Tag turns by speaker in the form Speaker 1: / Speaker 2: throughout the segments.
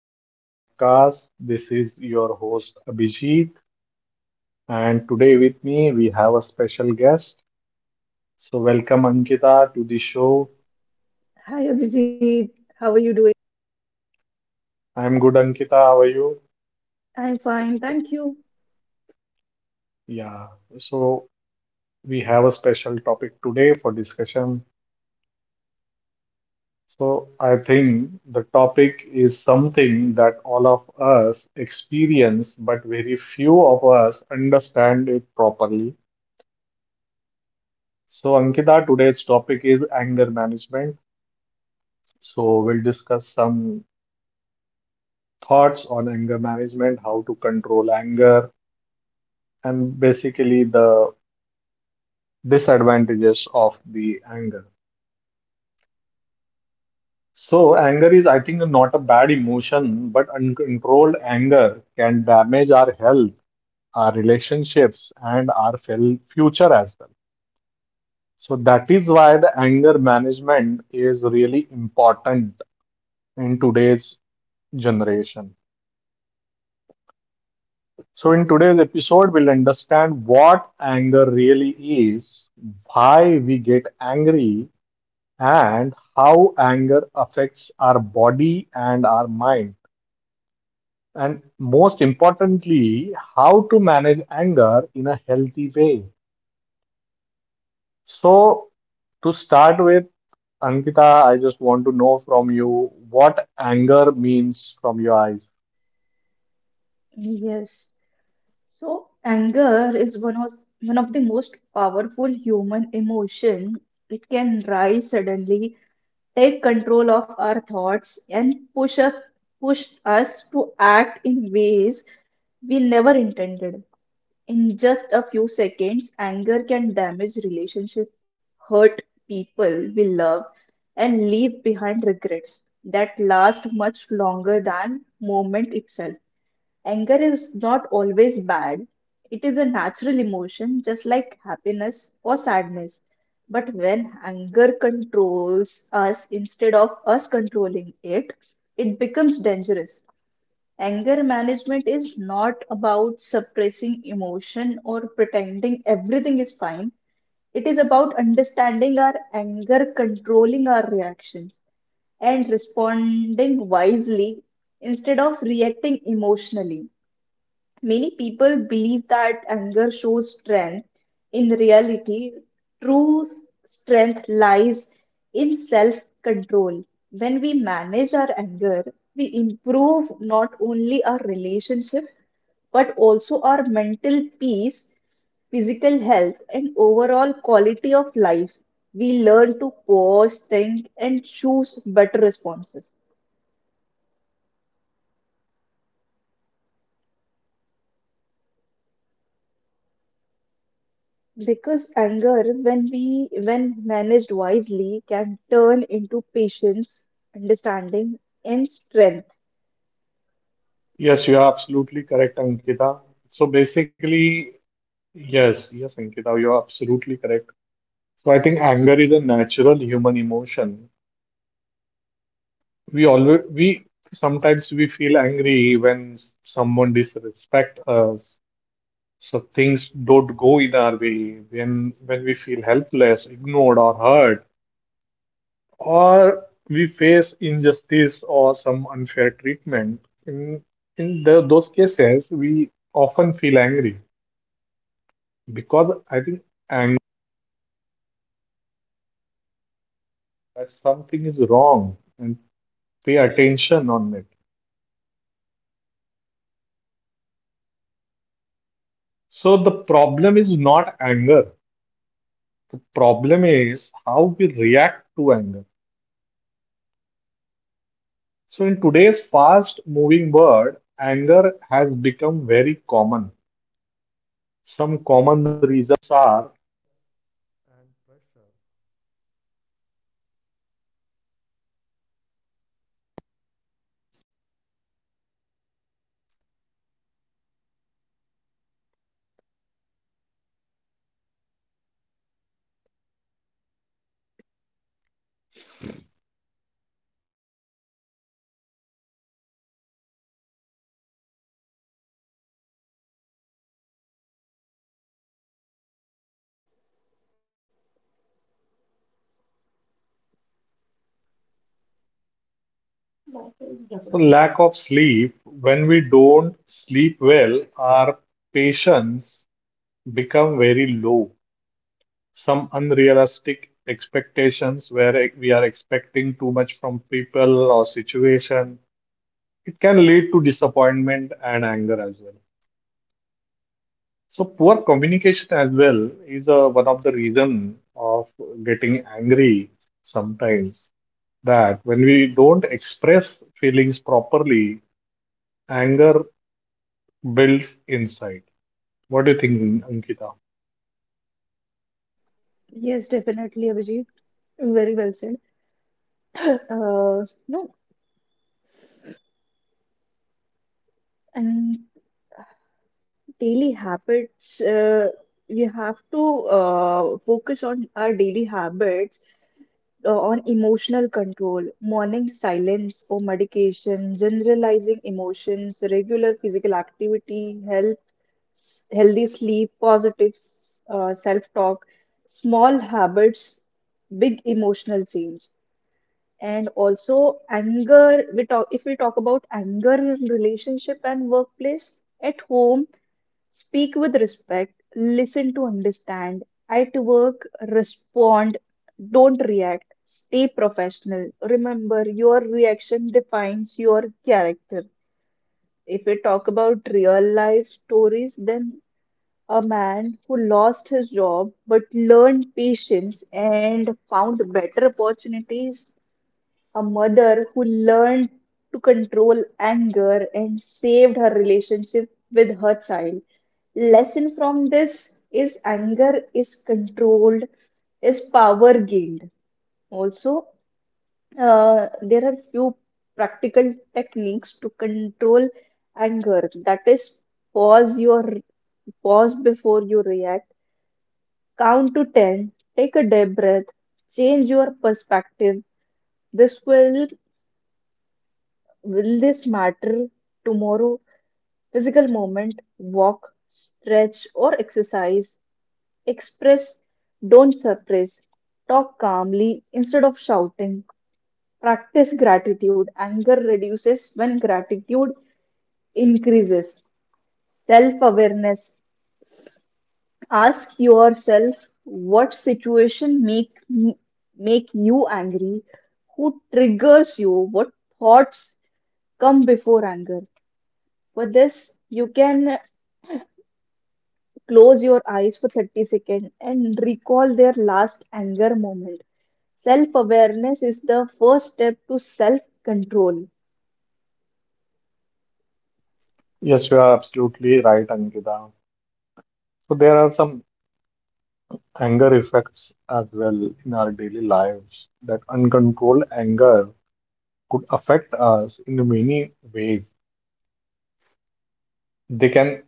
Speaker 1: To my podcast. This is your host, Abhijit, and today with me we have a special guest. So, welcome Ankita to the show.
Speaker 2: Hi Abhijit, how are you doing?
Speaker 1: I'm good, Ankita. How are you?
Speaker 2: I'm fine, thank you.
Speaker 1: Yeah, so we have a special topic today for discussion. So, I think the topic is something that all of us experience, but very few of us understand it properly. So, Ankita, today's topic is anger management. So, we'll discuss some thoughts on anger management, how to control anger, and basically the disadvantages of the anger. So, anger is, I think, not a bad emotion, but uncontrolled anger can damage our health, our relationships, and our future as well. So, that is why the anger management is really important in today's generation. So, in today's episode, we'll understand what anger really is, why we get angry, and how anger affects our body and our mind. And most importantly, how to manage anger in a healthy way. So, to start with, Ankita, I just want to know from you what anger means from your eyes.
Speaker 2: Yes. So anger is one of the most powerful human emotion. It can rise suddenly, take control of our thoughts, and push us to act in ways we never intended. In just a few seconds, anger can damage relationships, hurt people we love, and leave behind regrets that last much longer than moment itself. Anger is not always bad. It is a natural emotion, just like happiness or sadness. But when anger controls us instead of us controlling it, it becomes dangerous. Anger management is not about suppressing emotion or pretending everything is fine. It is about understanding our anger, controlling our reactions, and responding wisely instead of reacting emotionally. Many people believe that anger shows strength. In reality, true strength lies in self control. When we manage our anger, we improve not only our relationship but also our mental peace, physical health, and overall quality of life. We learn to pause, think, and choose better responses. Because anger, when managed wisely, can turn into patience, understanding, and strength.
Speaker 1: Yes, you are absolutely correct, Ankita. So basically, yes, yes, Ankita, you're absolutely correct. So I think anger is a natural human emotion. We always we sometimes we feel angry when someone disrespect us, so things don't go in our way, when we feel helpless, ignored or hurt, or we face injustice or some unfair treatment. In in those cases, we often feel angry because I think anger that something is wrong. And pay attention on it. So the problem is not anger. The problem is how we react to anger. So in today's fast moving world, anger has become very common. Some common reasons: lack of sleep, when we don't sleep well, our patience become very low. Some unrealistic expectations where we are expecting too much from people or situation. It can lead to disappointment and anger as well. So poor communication as well is one of the reason of getting angry sometimes. That when we don't express feelings properly, anger builds inside. What do you think, Ankita?
Speaker 2: Yes, definitely, Abhijit. Very well said. No, and daily habits. We have to focus on our daily habits on emotional control, morning silence or medication, generalizing emotions, regular physical activity, health, healthy sleep, positive self-talk, small habits, big emotional change. And also anger, we talk if we talk about anger in relationship and workplace, at home, speak with respect, listen to understand, at work, respond, don't react, stay professional. Remember, your reaction defines your character. If we talk about real life stories, then a man who lost his job but learned patience and found better opportunities, a mother who learned to control anger and saved her relationship with her child. Lesson from this is anger is controlled, is power gained. Also, there are few practical techniques to control anger. That is, pause your pause before you react, count to 10, take a deep breath, change your perspective. This will this matter tomorrow? Physical movement, walk, stretch, or exercise. Express, don't suppress. Talk calmly instead of shouting. Practice gratitude. Anger reduces when gratitude increases. Self awareness. Ask yourself what situation make you angry, who triggers you, what thoughts come before anger. For this, you can close your eyes for 30 seconds and recall their last anger moment. Self awareness is the first step to self control.
Speaker 1: Yes, you are absolutely right, Ankita. So there are some anger effects as well in our daily lives. That uncontrolled anger could affect us in many ways. They can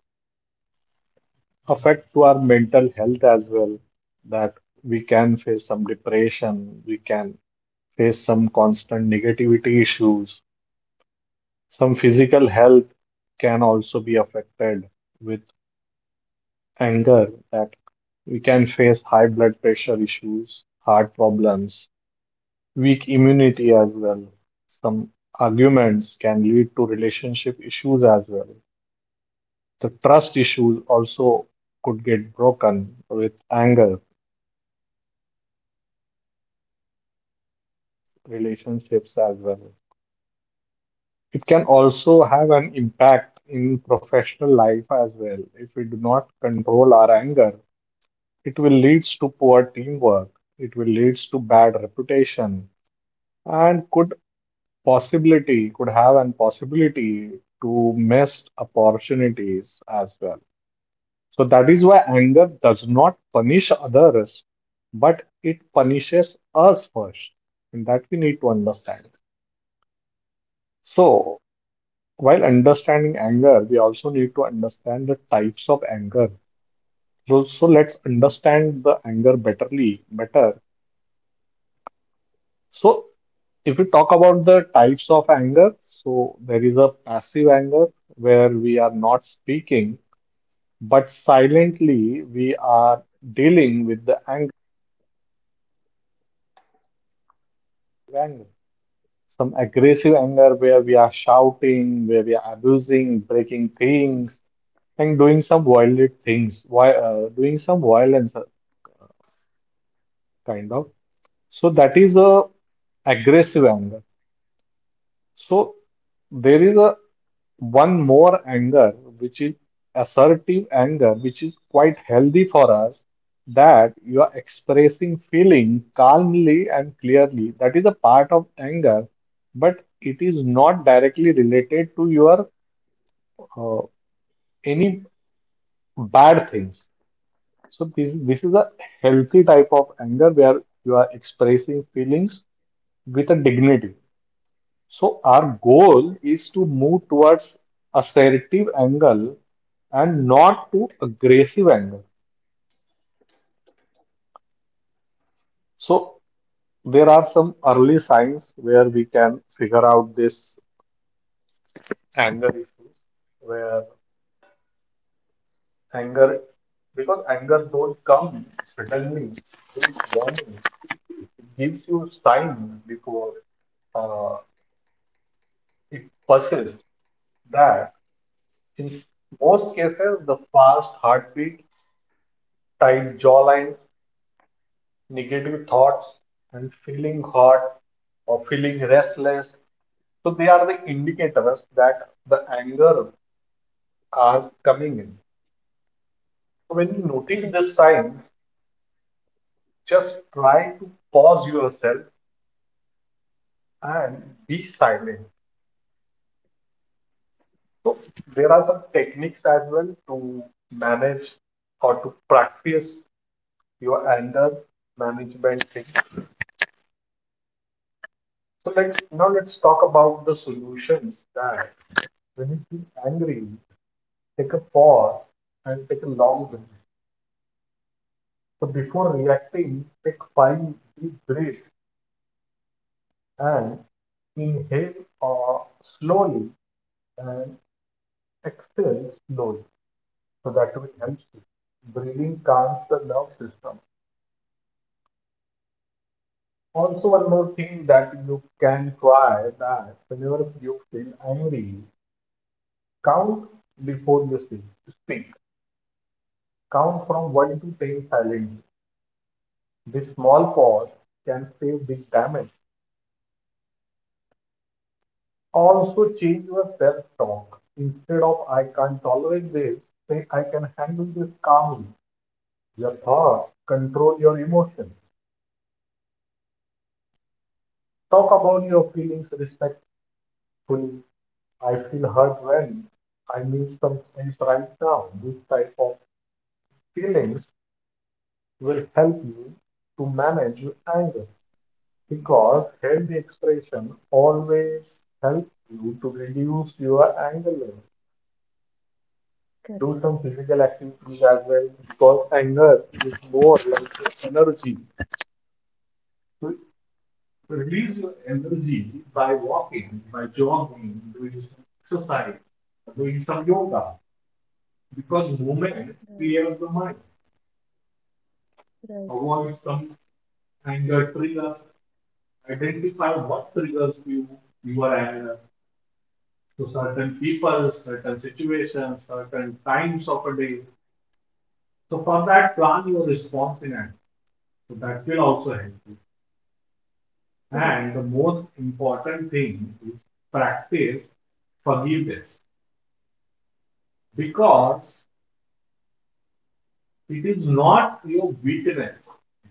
Speaker 1: affect to our mental health as well, that we can face some depression, we can face some constant negativity issues. Some physical health can also be affected with anger, that we can face high blood pressure issues, heart problems, weak immunity as well. Some arguments can lead to relationship issues as well. The trust issues also could get broken with anger, relationships as well. It can also have an impact in professional life as well. If we do not control our anger, it will lead to poor teamwork, it will lead to bad reputation, and could possibility could have an possibility to miss opportunities as well. So that is why anger does not punish others, but it punishes us first, and that we need to understand. So while understanding anger, we also need to understand the types of anger. So let's understand the anger betterly, better. So if we talk about the types of anger, so there is a passive anger where we are not speaking, but silently, we are dealing with the anger, some aggressive anger where we are shouting, where we are abusing, breaking things, and doing some violent things, why doing some violence, kind of. So that is a aggressive anger. So there is a one more anger, which is assertive anger, which is quite healthy for us, that you are expressing feeling calmly and clearly. That is a part of anger, but it is not directly related to your uh, any bad things. So this is a healthy type of anger where you are expressing feelings with a dignity. So our goal is to move towards assertive angle and not to aggressive angle. So there are some early signs where we can figure out this anger issue, where anger, because anger don't come suddenly, it gives you signs before uh, it passes. That in most cases the fast heartbeat, tight jawline, negative thoughts and feeling hot or feeling restless. So they are the indicators that the anger are coming in. So when you notice
Speaker 2: Correct,
Speaker 1: this sign, just try to pause yourself and be silent. So there are some techniques as well to manage or to practice your anger management thing. So like now let's talk about the solutions that when you feel angry, take a pause and take a long breath. So before reacting, take 5 deep breaths and inhale slowly and exhale slowly. So that will help you. Breathing calms the nerve system. Also, one more thing that you can try that whenever you feel angry, count before you speak. Speak. Count from 1 to 10 silently. This small pause can save big damage. Also change your self-talk. Instead of I can't tolerate this, say I can handle this calmly. Your thoughts control your emotions. Talk about your feelings respectfully. I feel hurt when I need some space right now. This type of feelings will help you to manage your anger because healthy expression always helps you to reduce your anger level. Do
Speaker 2: correct,
Speaker 1: some physical activities as well because anger is more like energy. So release your energy by walking, by jogging, doing some exercise, doing some yoga because movement
Speaker 2: right,
Speaker 1: clears the mind.
Speaker 2: right,
Speaker 1: Avoid some anger triggers. Identify what triggers you your anger. So certain people, certain situations, certain times of a day. So for that, plan your response in action. So that will also help you.
Speaker 2: correct.
Speaker 1: And the most important thing is practice forgiveness because it is not your weakness,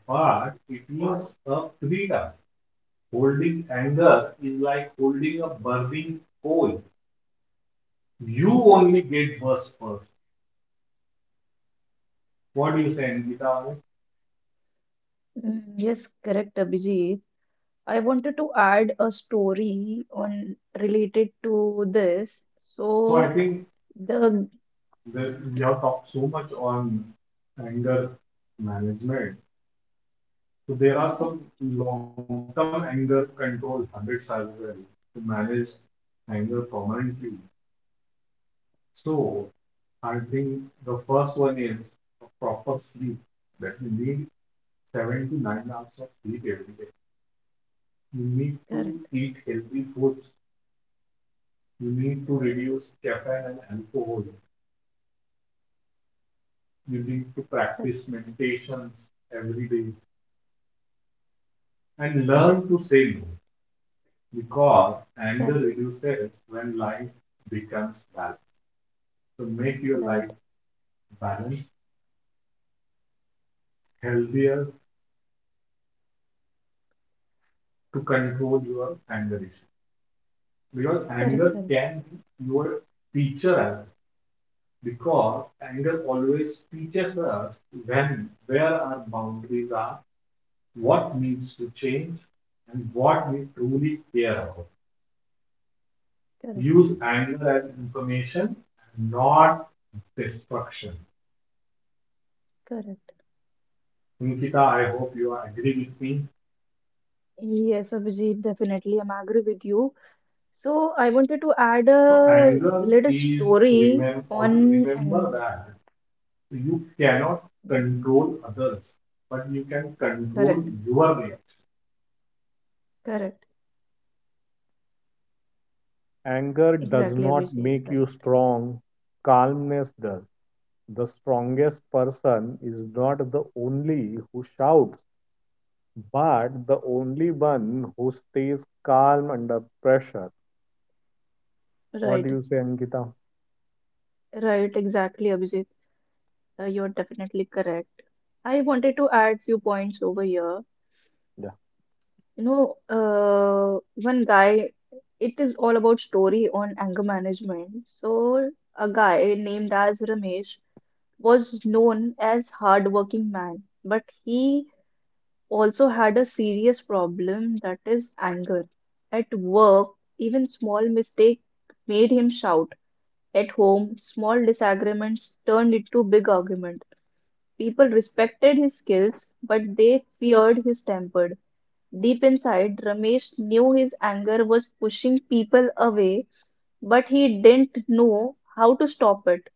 Speaker 1: but it is a freedom. Holding anger is like holding a burning coal. You only get burst first. What do you say, Angita?
Speaker 2: Mm, yes, correct, Abhijit. I wanted to add a story on related to this.
Speaker 1: So I
Speaker 2: So
Speaker 1: think
Speaker 2: the
Speaker 1: that we have talked so much on anger management. So there are
Speaker 2: yes,
Speaker 1: some long-term anger control habits as well to manage anger permanently. So I think the first one is a proper sleep. That you need 7 to 9 hours of sleep every day. You need to
Speaker 2: correct,
Speaker 1: eat healthy foods. You need to reduce caffeine and alcohol. You need to practice meditations every day and learn to say no because
Speaker 2: correct,
Speaker 1: anger
Speaker 2: correct,
Speaker 1: reduces when life becomes balanced. To make your life
Speaker 2: right,
Speaker 1: balanced, healthier, to control your anger issue. Because
Speaker 2: correct,
Speaker 1: anger
Speaker 2: correct,
Speaker 1: can be your teacher as well. Because anger always teaches us when where our boundaries are, what needs to change, and what we truly care about.
Speaker 2: correct,
Speaker 1: Use anger as information, not destruction.
Speaker 2: correct.
Speaker 1: Nikita, I hope you are agree with me.
Speaker 2: Yes, Abhijit, definitely, I'm agree with you. So I wanted to add
Speaker 1: So
Speaker 2: a
Speaker 1: anger
Speaker 2: little
Speaker 1: is,
Speaker 2: story
Speaker 1: remember
Speaker 2: on
Speaker 1: remember
Speaker 2: and
Speaker 1: that you cannot
Speaker 2: yes,
Speaker 1: control others, but you can control
Speaker 2: correct,
Speaker 1: your reaction.
Speaker 2: correct,
Speaker 1: Anger does
Speaker 2: exactly,
Speaker 1: not make
Speaker 2: Abhijit,
Speaker 1: you
Speaker 2: correct,
Speaker 1: strong, calmness does. The strongest person is not the only who shouts, but the only one who stays calm under pressure. What do you say,
Speaker 2: right,
Speaker 1: Ankita?
Speaker 2: right, exactly, Abhijit. You're definitely correct. I wanted to add few points over here.
Speaker 1: Yeah.
Speaker 2: One guy. It is all about story on anger management. So a guy named as Ramesh was known as hardworking man, but he also had a serious problem that is anger. At work, even small mistake made him shout. At home, small disagreements turned into big argument. People respected his skills, but they feared his temper. Deep inside, Ramesh knew his anger was pushing people away, but he didn't know how to stop it.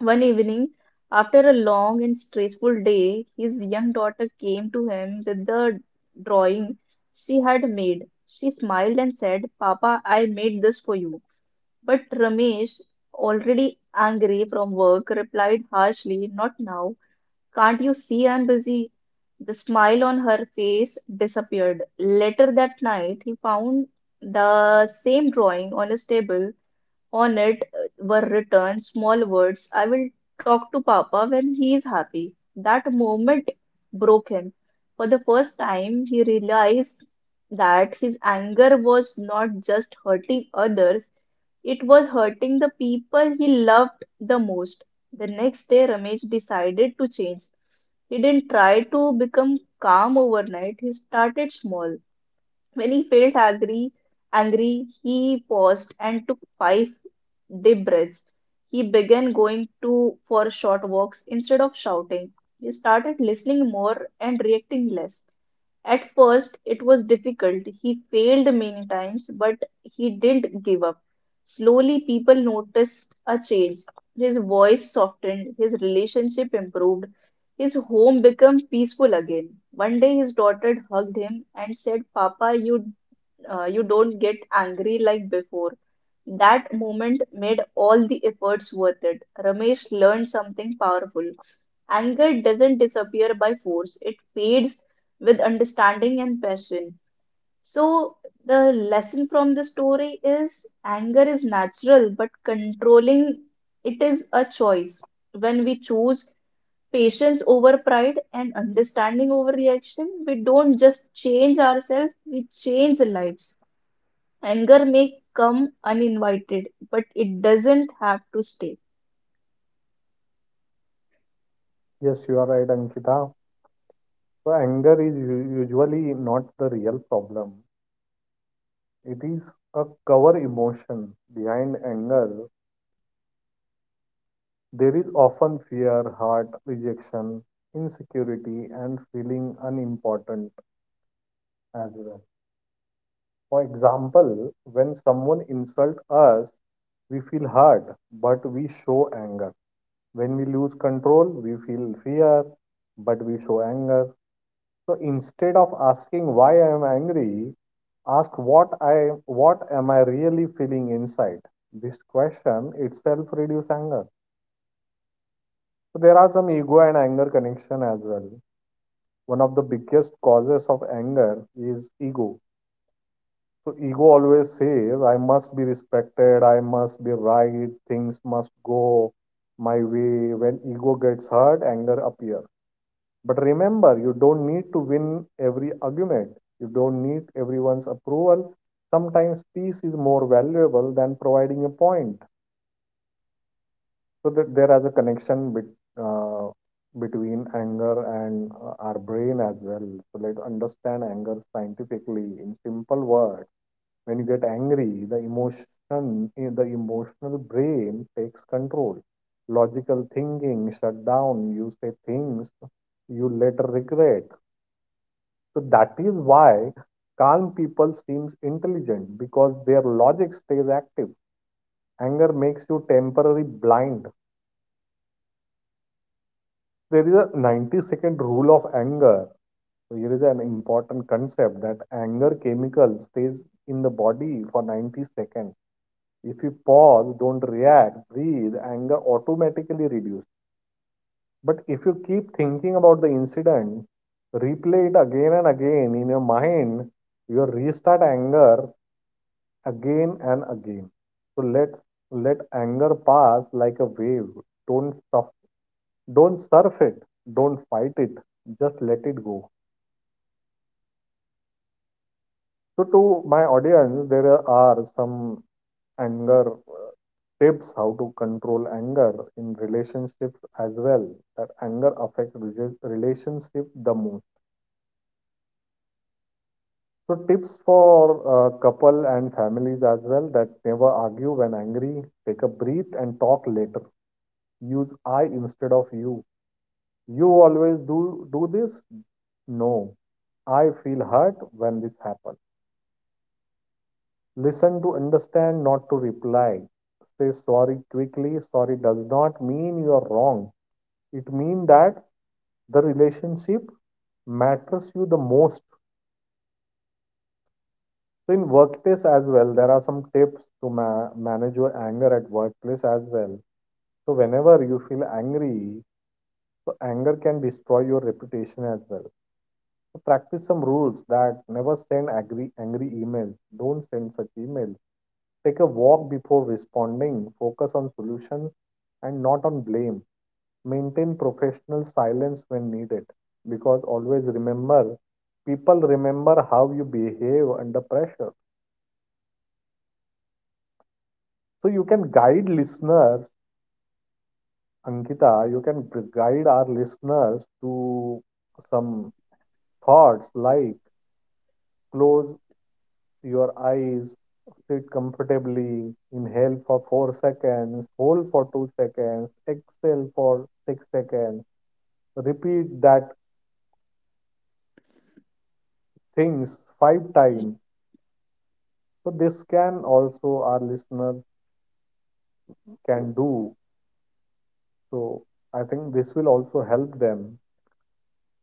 Speaker 2: One evening, after a long and stressful day, his young daughter came to him with the drawing she had made. She smiled and said, "Papa, I made this for you." But Ramesh, already angry from work, replied harshly, "Not now. Can't you see I'm busy?" The smile on her face disappeared. Later that night, he found the same drawing on his table. On it were written small words, "I will talk to Papa when he is happy." That moment broke him. For the first time, he realized that his anger was not just hurting others, it was hurting the people he loved the most. The next day, Ramesh decided to change. He didn't try to become calm overnight, he started small. When he felt angry, he paused and took 5 deep breaths. He began going to for short walks instead of shouting. He started listening more and reacting less. At first, it was difficult. He failed many times, but he didn't give up. Slowly, people noticed a change. His voice softened, his relationship improved, his home became peaceful again. One day, his daughter hugged him and said, "Papa, you you don't get angry like before." That moment made all the efforts worth it. Ramesh learned something powerful. Anger doesn't disappear by force, it fades with understanding and passion. So, the lesson from the story is anger is natural, but controlling it is a choice. When we choose patience over pride and understanding over reaction, we don't just change ourselves, we change lives. Anger may come uninvited, but it doesn't have to stay.
Speaker 1: Yes, you are right, Ankita. So, anger is usually not the real problem, it is a cover emotion. Behind anger there is often fear, hurt, rejection, insecurity, and feeling unimportant as well. For example, when someone insults us, we feel hurt, but we show anger. When we lose control, we feel fear, but we show anger. So instead of asking why I am angry, ask what I what am I really feeling inside. This question itself reduces anger. So there are some ego and anger connection as well. One of the biggest causes of anger is ego. So ego always says, I must be respected, I must be right, things must go my way. When ego gets hurt, anger appears. But remember, you don't need to win every argument. You don't need everyone's approval. Sometimes peace is more valuable than providing a point. So that there is a connection uh, between anger and our brain as well. So let's understand anger scientifically. In simple words, when you get angry, the the emotional brain takes control, logical thinking shut down, you say things you later regret. So that is why calm people seems intelligent because their logic stays active. Anger makes you temporarily blind. There is a 90-second rule of anger. So here is an important concept that anger chemical stays in the body for 90 seconds. If you pause, don't react, breathe, anger automatically reduces. But if you keep thinking about the incident, replay it again and again in your mind, you restart anger again and again. So let anger pass like a wave. Don't suff- don't surf it. Don't fight it. Just let it go. So to my audience, there are some anger, tips how to control anger in relationships as well. That anger affects relationship the most. So tips for couple and families as well that never argue when angry. Take a breath and talk later. Use I instead of you. You always do this. No, I feel hurt when this happens. Listen to understand, not to reply. Say sorry quickly, sorry does not mean you are wrong. It means that the relationship matters you the most. So in workplace as well, there are some tips to manage your anger at workplace as well. So whenever you feel angry, so anger can destroy your reputation as well. So practice some rules that never send angry emails. Don't send such emails. Take a walk before responding. Focus on solutions and not on blame. Maintain professional silence when needed because always remember, people remember how you behave under pressure. So you can guide listeners, Ankita. You can guide our listeners to some thoughts like, close your eyes, sit comfortably, inhale for 4 seconds, hold for 2 seconds, exhale for 6 seconds, repeat that things 5 times. So this can also our listeners can do. So I think this will also help them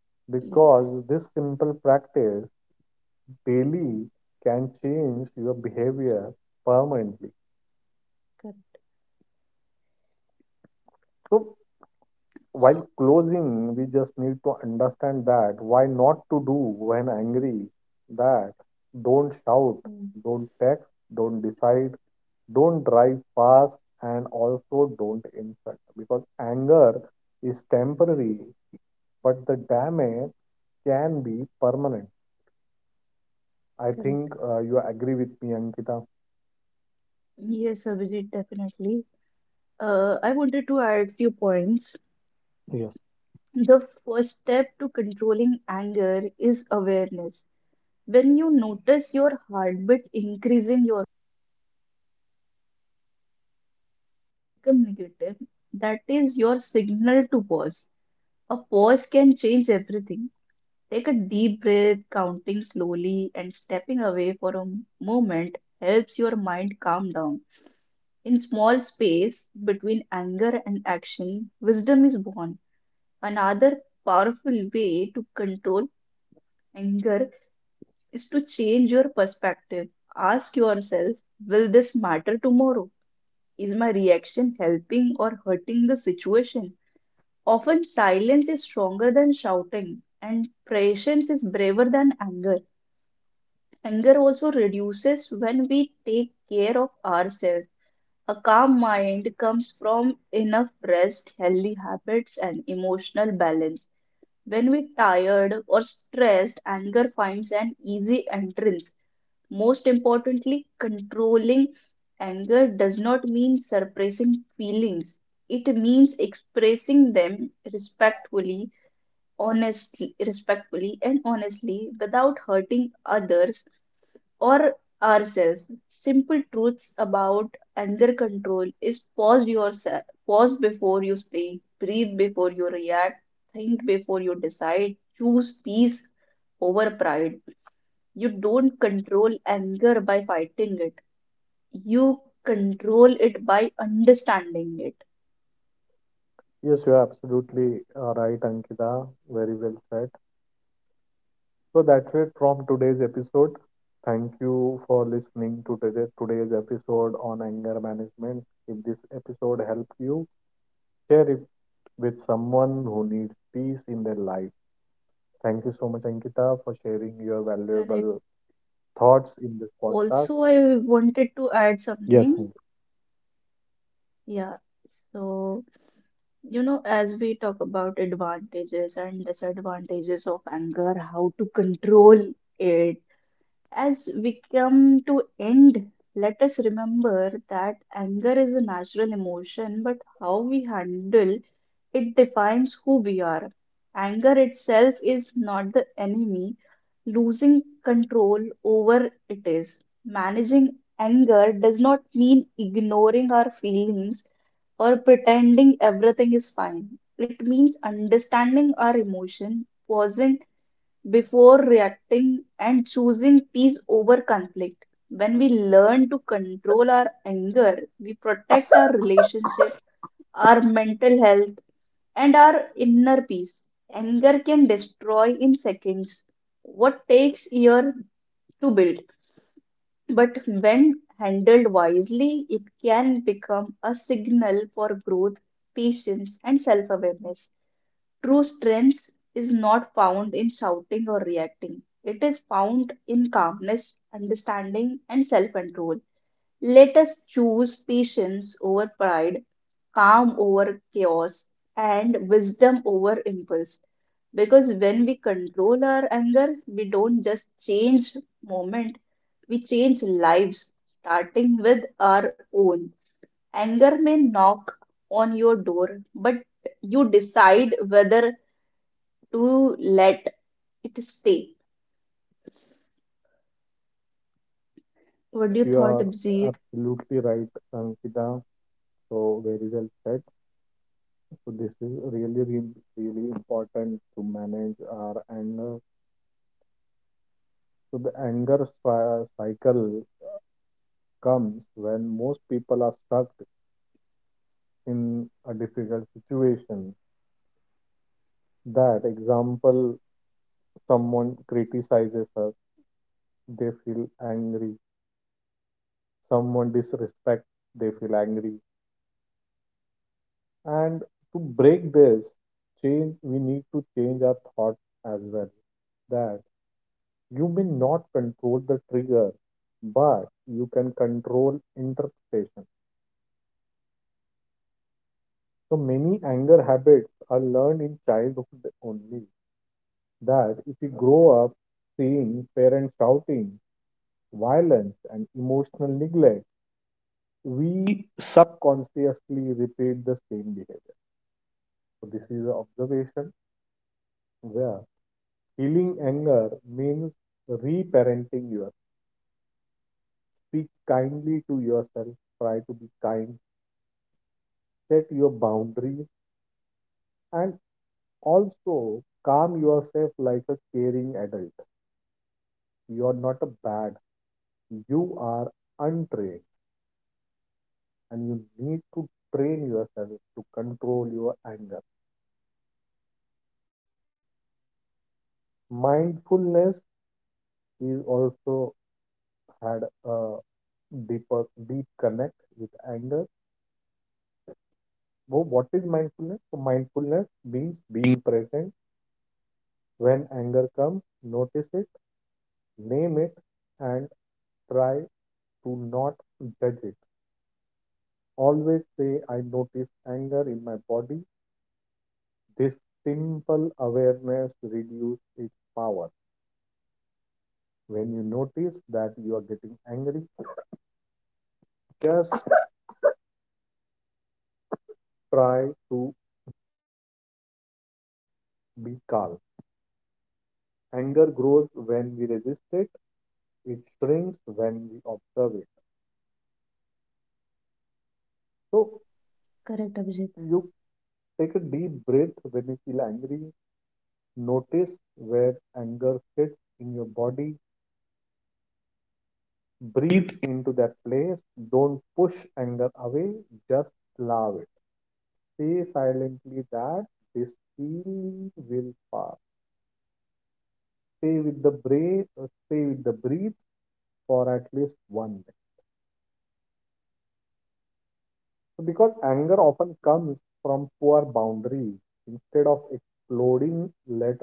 Speaker 1: because this
Speaker 2: Yes.
Speaker 1: simple practice daily can change your behavior permanently.
Speaker 2: Correct.
Speaker 1: So while
Speaker 2: So,
Speaker 1: closing, we just need to understand that why not to do when angry, that don't shout,
Speaker 2: hmm.
Speaker 1: don't text, don't decide, don't drive fast, and also don't insult because anger is temporary but the damage can be permanent. I think
Speaker 2: Correct.
Speaker 1: you agree with me, Ankita.
Speaker 2: Yes, Abhijit, definitely. I wanted to add few points.
Speaker 1: Yes.
Speaker 2: The first step to controlling anger is awareness. When you notice your heartbeat increasing, your become negative, that is your signal to pause. A pause can change everything. Take a deep breath, counting slowly and stepping away for a moment helps your mind calm down. In small space between anger and action, wisdom is born. Another powerful way to control anger is to change your perspective. Ask yourself, will this matter tomorrow? Is my reaction helping or hurting the situation? Often silence is stronger than shouting and patience is braver than anger. Anger also reduces when we take care of ourselves. A calm mind comes from enough rest, healthy habits, and emotional balance. When we're tired or stressed, anger finds an easy entrance. Most importantly, controlling anger does not mean suppressing feelings. It means expressing them respectfully, honestly, respectfully and honestly without hurting others or ourselves. Simple truths about anger control is pause yourself, pause before you speak, breathe before you react, think before you decide, choose peace over pride. You don't control anger by fighting it. You control it by understanding it.
Speaker 1: Yes, you are absolutely right, Ankita. Very well said. So that's it from today's episode. Thank you for listening to today's episode on anger management. If this episode helped you, share it with someone who needs peace in their life. Thank you so much, Ankita, for sharing your valuable
Speaker 2: Correct.
Speaker 1: thoughts in this podcast.
Speaker 2: Also, I wanted to add
Speaker 1: Yes.
Speaker 2: something. Yeah, so you know, as we talk about advantages and disadvantages of anger, how to control it, as we come to end, let us remember that anger is a natural emotion, but how we handle it defines who we are. Anger itself is not the enemy, losing control over it is. Managing anger does not mean ignoring our feelings or pretending everything is fine. It means understanding our emotion, pausing before reacting, and choosing peace over conflict. When we learn to control our anger, we protect our relationship, our mental health, and our inner peace. Anger can destroy in seconds what takes years to build. But when handled wisely, it can become a signal for growth, patience, and self awareness. True strength is not found in shouting or reacting, it is found in calmness, understanding, and self control. Let us choose patience over pride, calm over chaos, and wisdom over impulse. Because when we control our anger, we don't just change moment we change lives starting with our own. Anger may knock on your door, but you decide whether to let it stay.
Speaker 1: Yes, you
Speaker 2: What do you
Speaker 1: are
Speaker 2: thought, Abhijit?
Speaker 1: absolutely right, Ankita. So very well said. So this is really, really, really important to manage our anger. So the anger cycle comes when most people are stuck in a difficult situation. That example, someone criticizes us, they feel angry. Someone disrespects, they feel angry. And to break this change, we need to change our thoughts as well, that you may not control the trigger, but you can control interpretation. So many anger habits are learned in childhood only. That if you grow up seeing parents shouting, violence, and emotional neglect, we subconsciously repeat the same behavior. So this is an observation where healing anger means reparenting yourself. Speak kindly to yourself. Try to be kind. Set your boundaries and also, calm yourself like a caring adult. You are not a bad, you are untrained, and you need to train yourself to control your anger. Mindfulness is also had a deep connect with anger. So, what is mindfulness? So mindfulness means being present. When anger comes, notice it, name it, and try to not judge it. Always say, I notice anger in my body. This simple awareness reduces its power. When you notice that you are getting angry, just try to be calm. Anger grows when we resist it, it shrinks when we observe it. So,
Speaker 2: Correct, Abhijit.
Speaker 1: you take a deep breath when you feel angry, notice where anger sits in your body, breathe into that place, don't push anger away, just allow it. Say silently that this feeling will pass. Stay with the breath, stay with the breath for at least 1 minute. So because anger often comes from poor boundaries, instead of exploding later,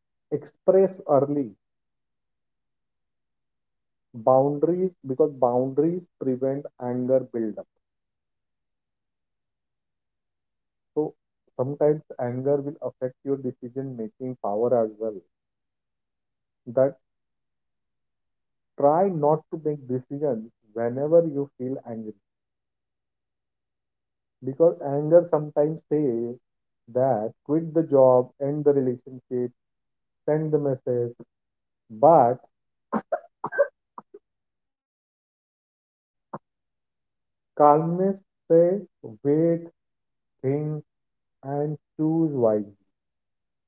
Speaker 1: express early boundaries because boundaries prevent anger buildup. So sometimes anger will affect your decision making power as well. That try not to make decisions whenever you feel angry because anger sometimes says that quit the job, end the relationship, send the message, but calmness say wait, think, and choose wisely.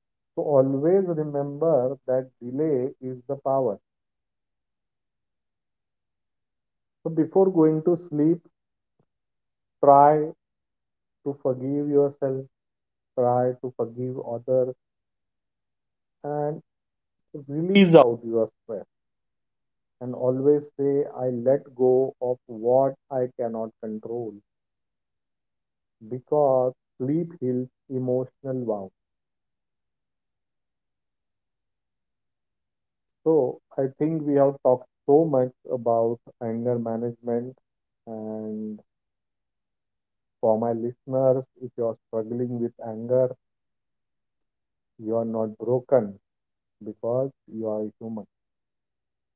Speaker 1: So always remember that delay is the power. So before going to sleep, try to forgive yourself, try to forgive others, and release out your stress. And always say, I let go of what I cannot control because sleep heals emotional wounds. So I think we have talked so much about anger management, and for my listeners, if you are struggling with anger, you are not broken because you are human.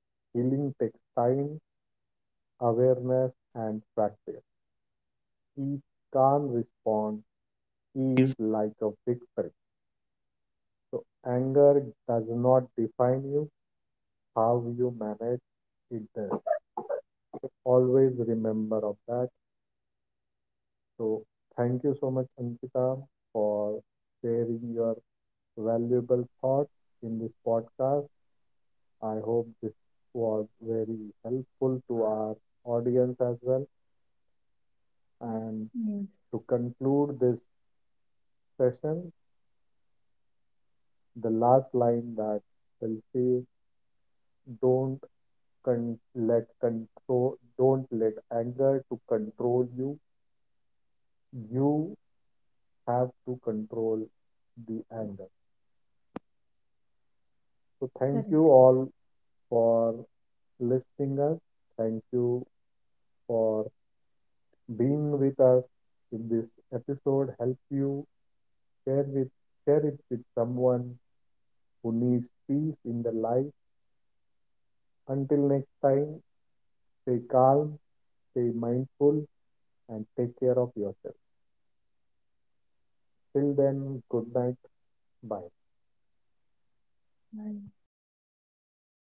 Speaker 1: Healing takes time, awareness and practice. Each calm response is like a victory. So anger does not define you. How you manage it does. Always remember of that. So, thank you so much, Ankita, for sharing your valuable thoughts in this podcast. I hope this was very helpful to our audience as well. And
Speaker 2: Yes,
Speaker 1: to conclude this session, the last line that will say, don't let control, don't let anger to control you. You have to control the anger. So, thank you
Speaker 2: correct.
Speaker 1: all for listening us. Thank you for being with us. If this episode helps you, share with share it with someone who needs peace in their life. Until next time, stay calm, stay mindful, and take care of yourself. Till then, good night. Bye.
Speaker 2: I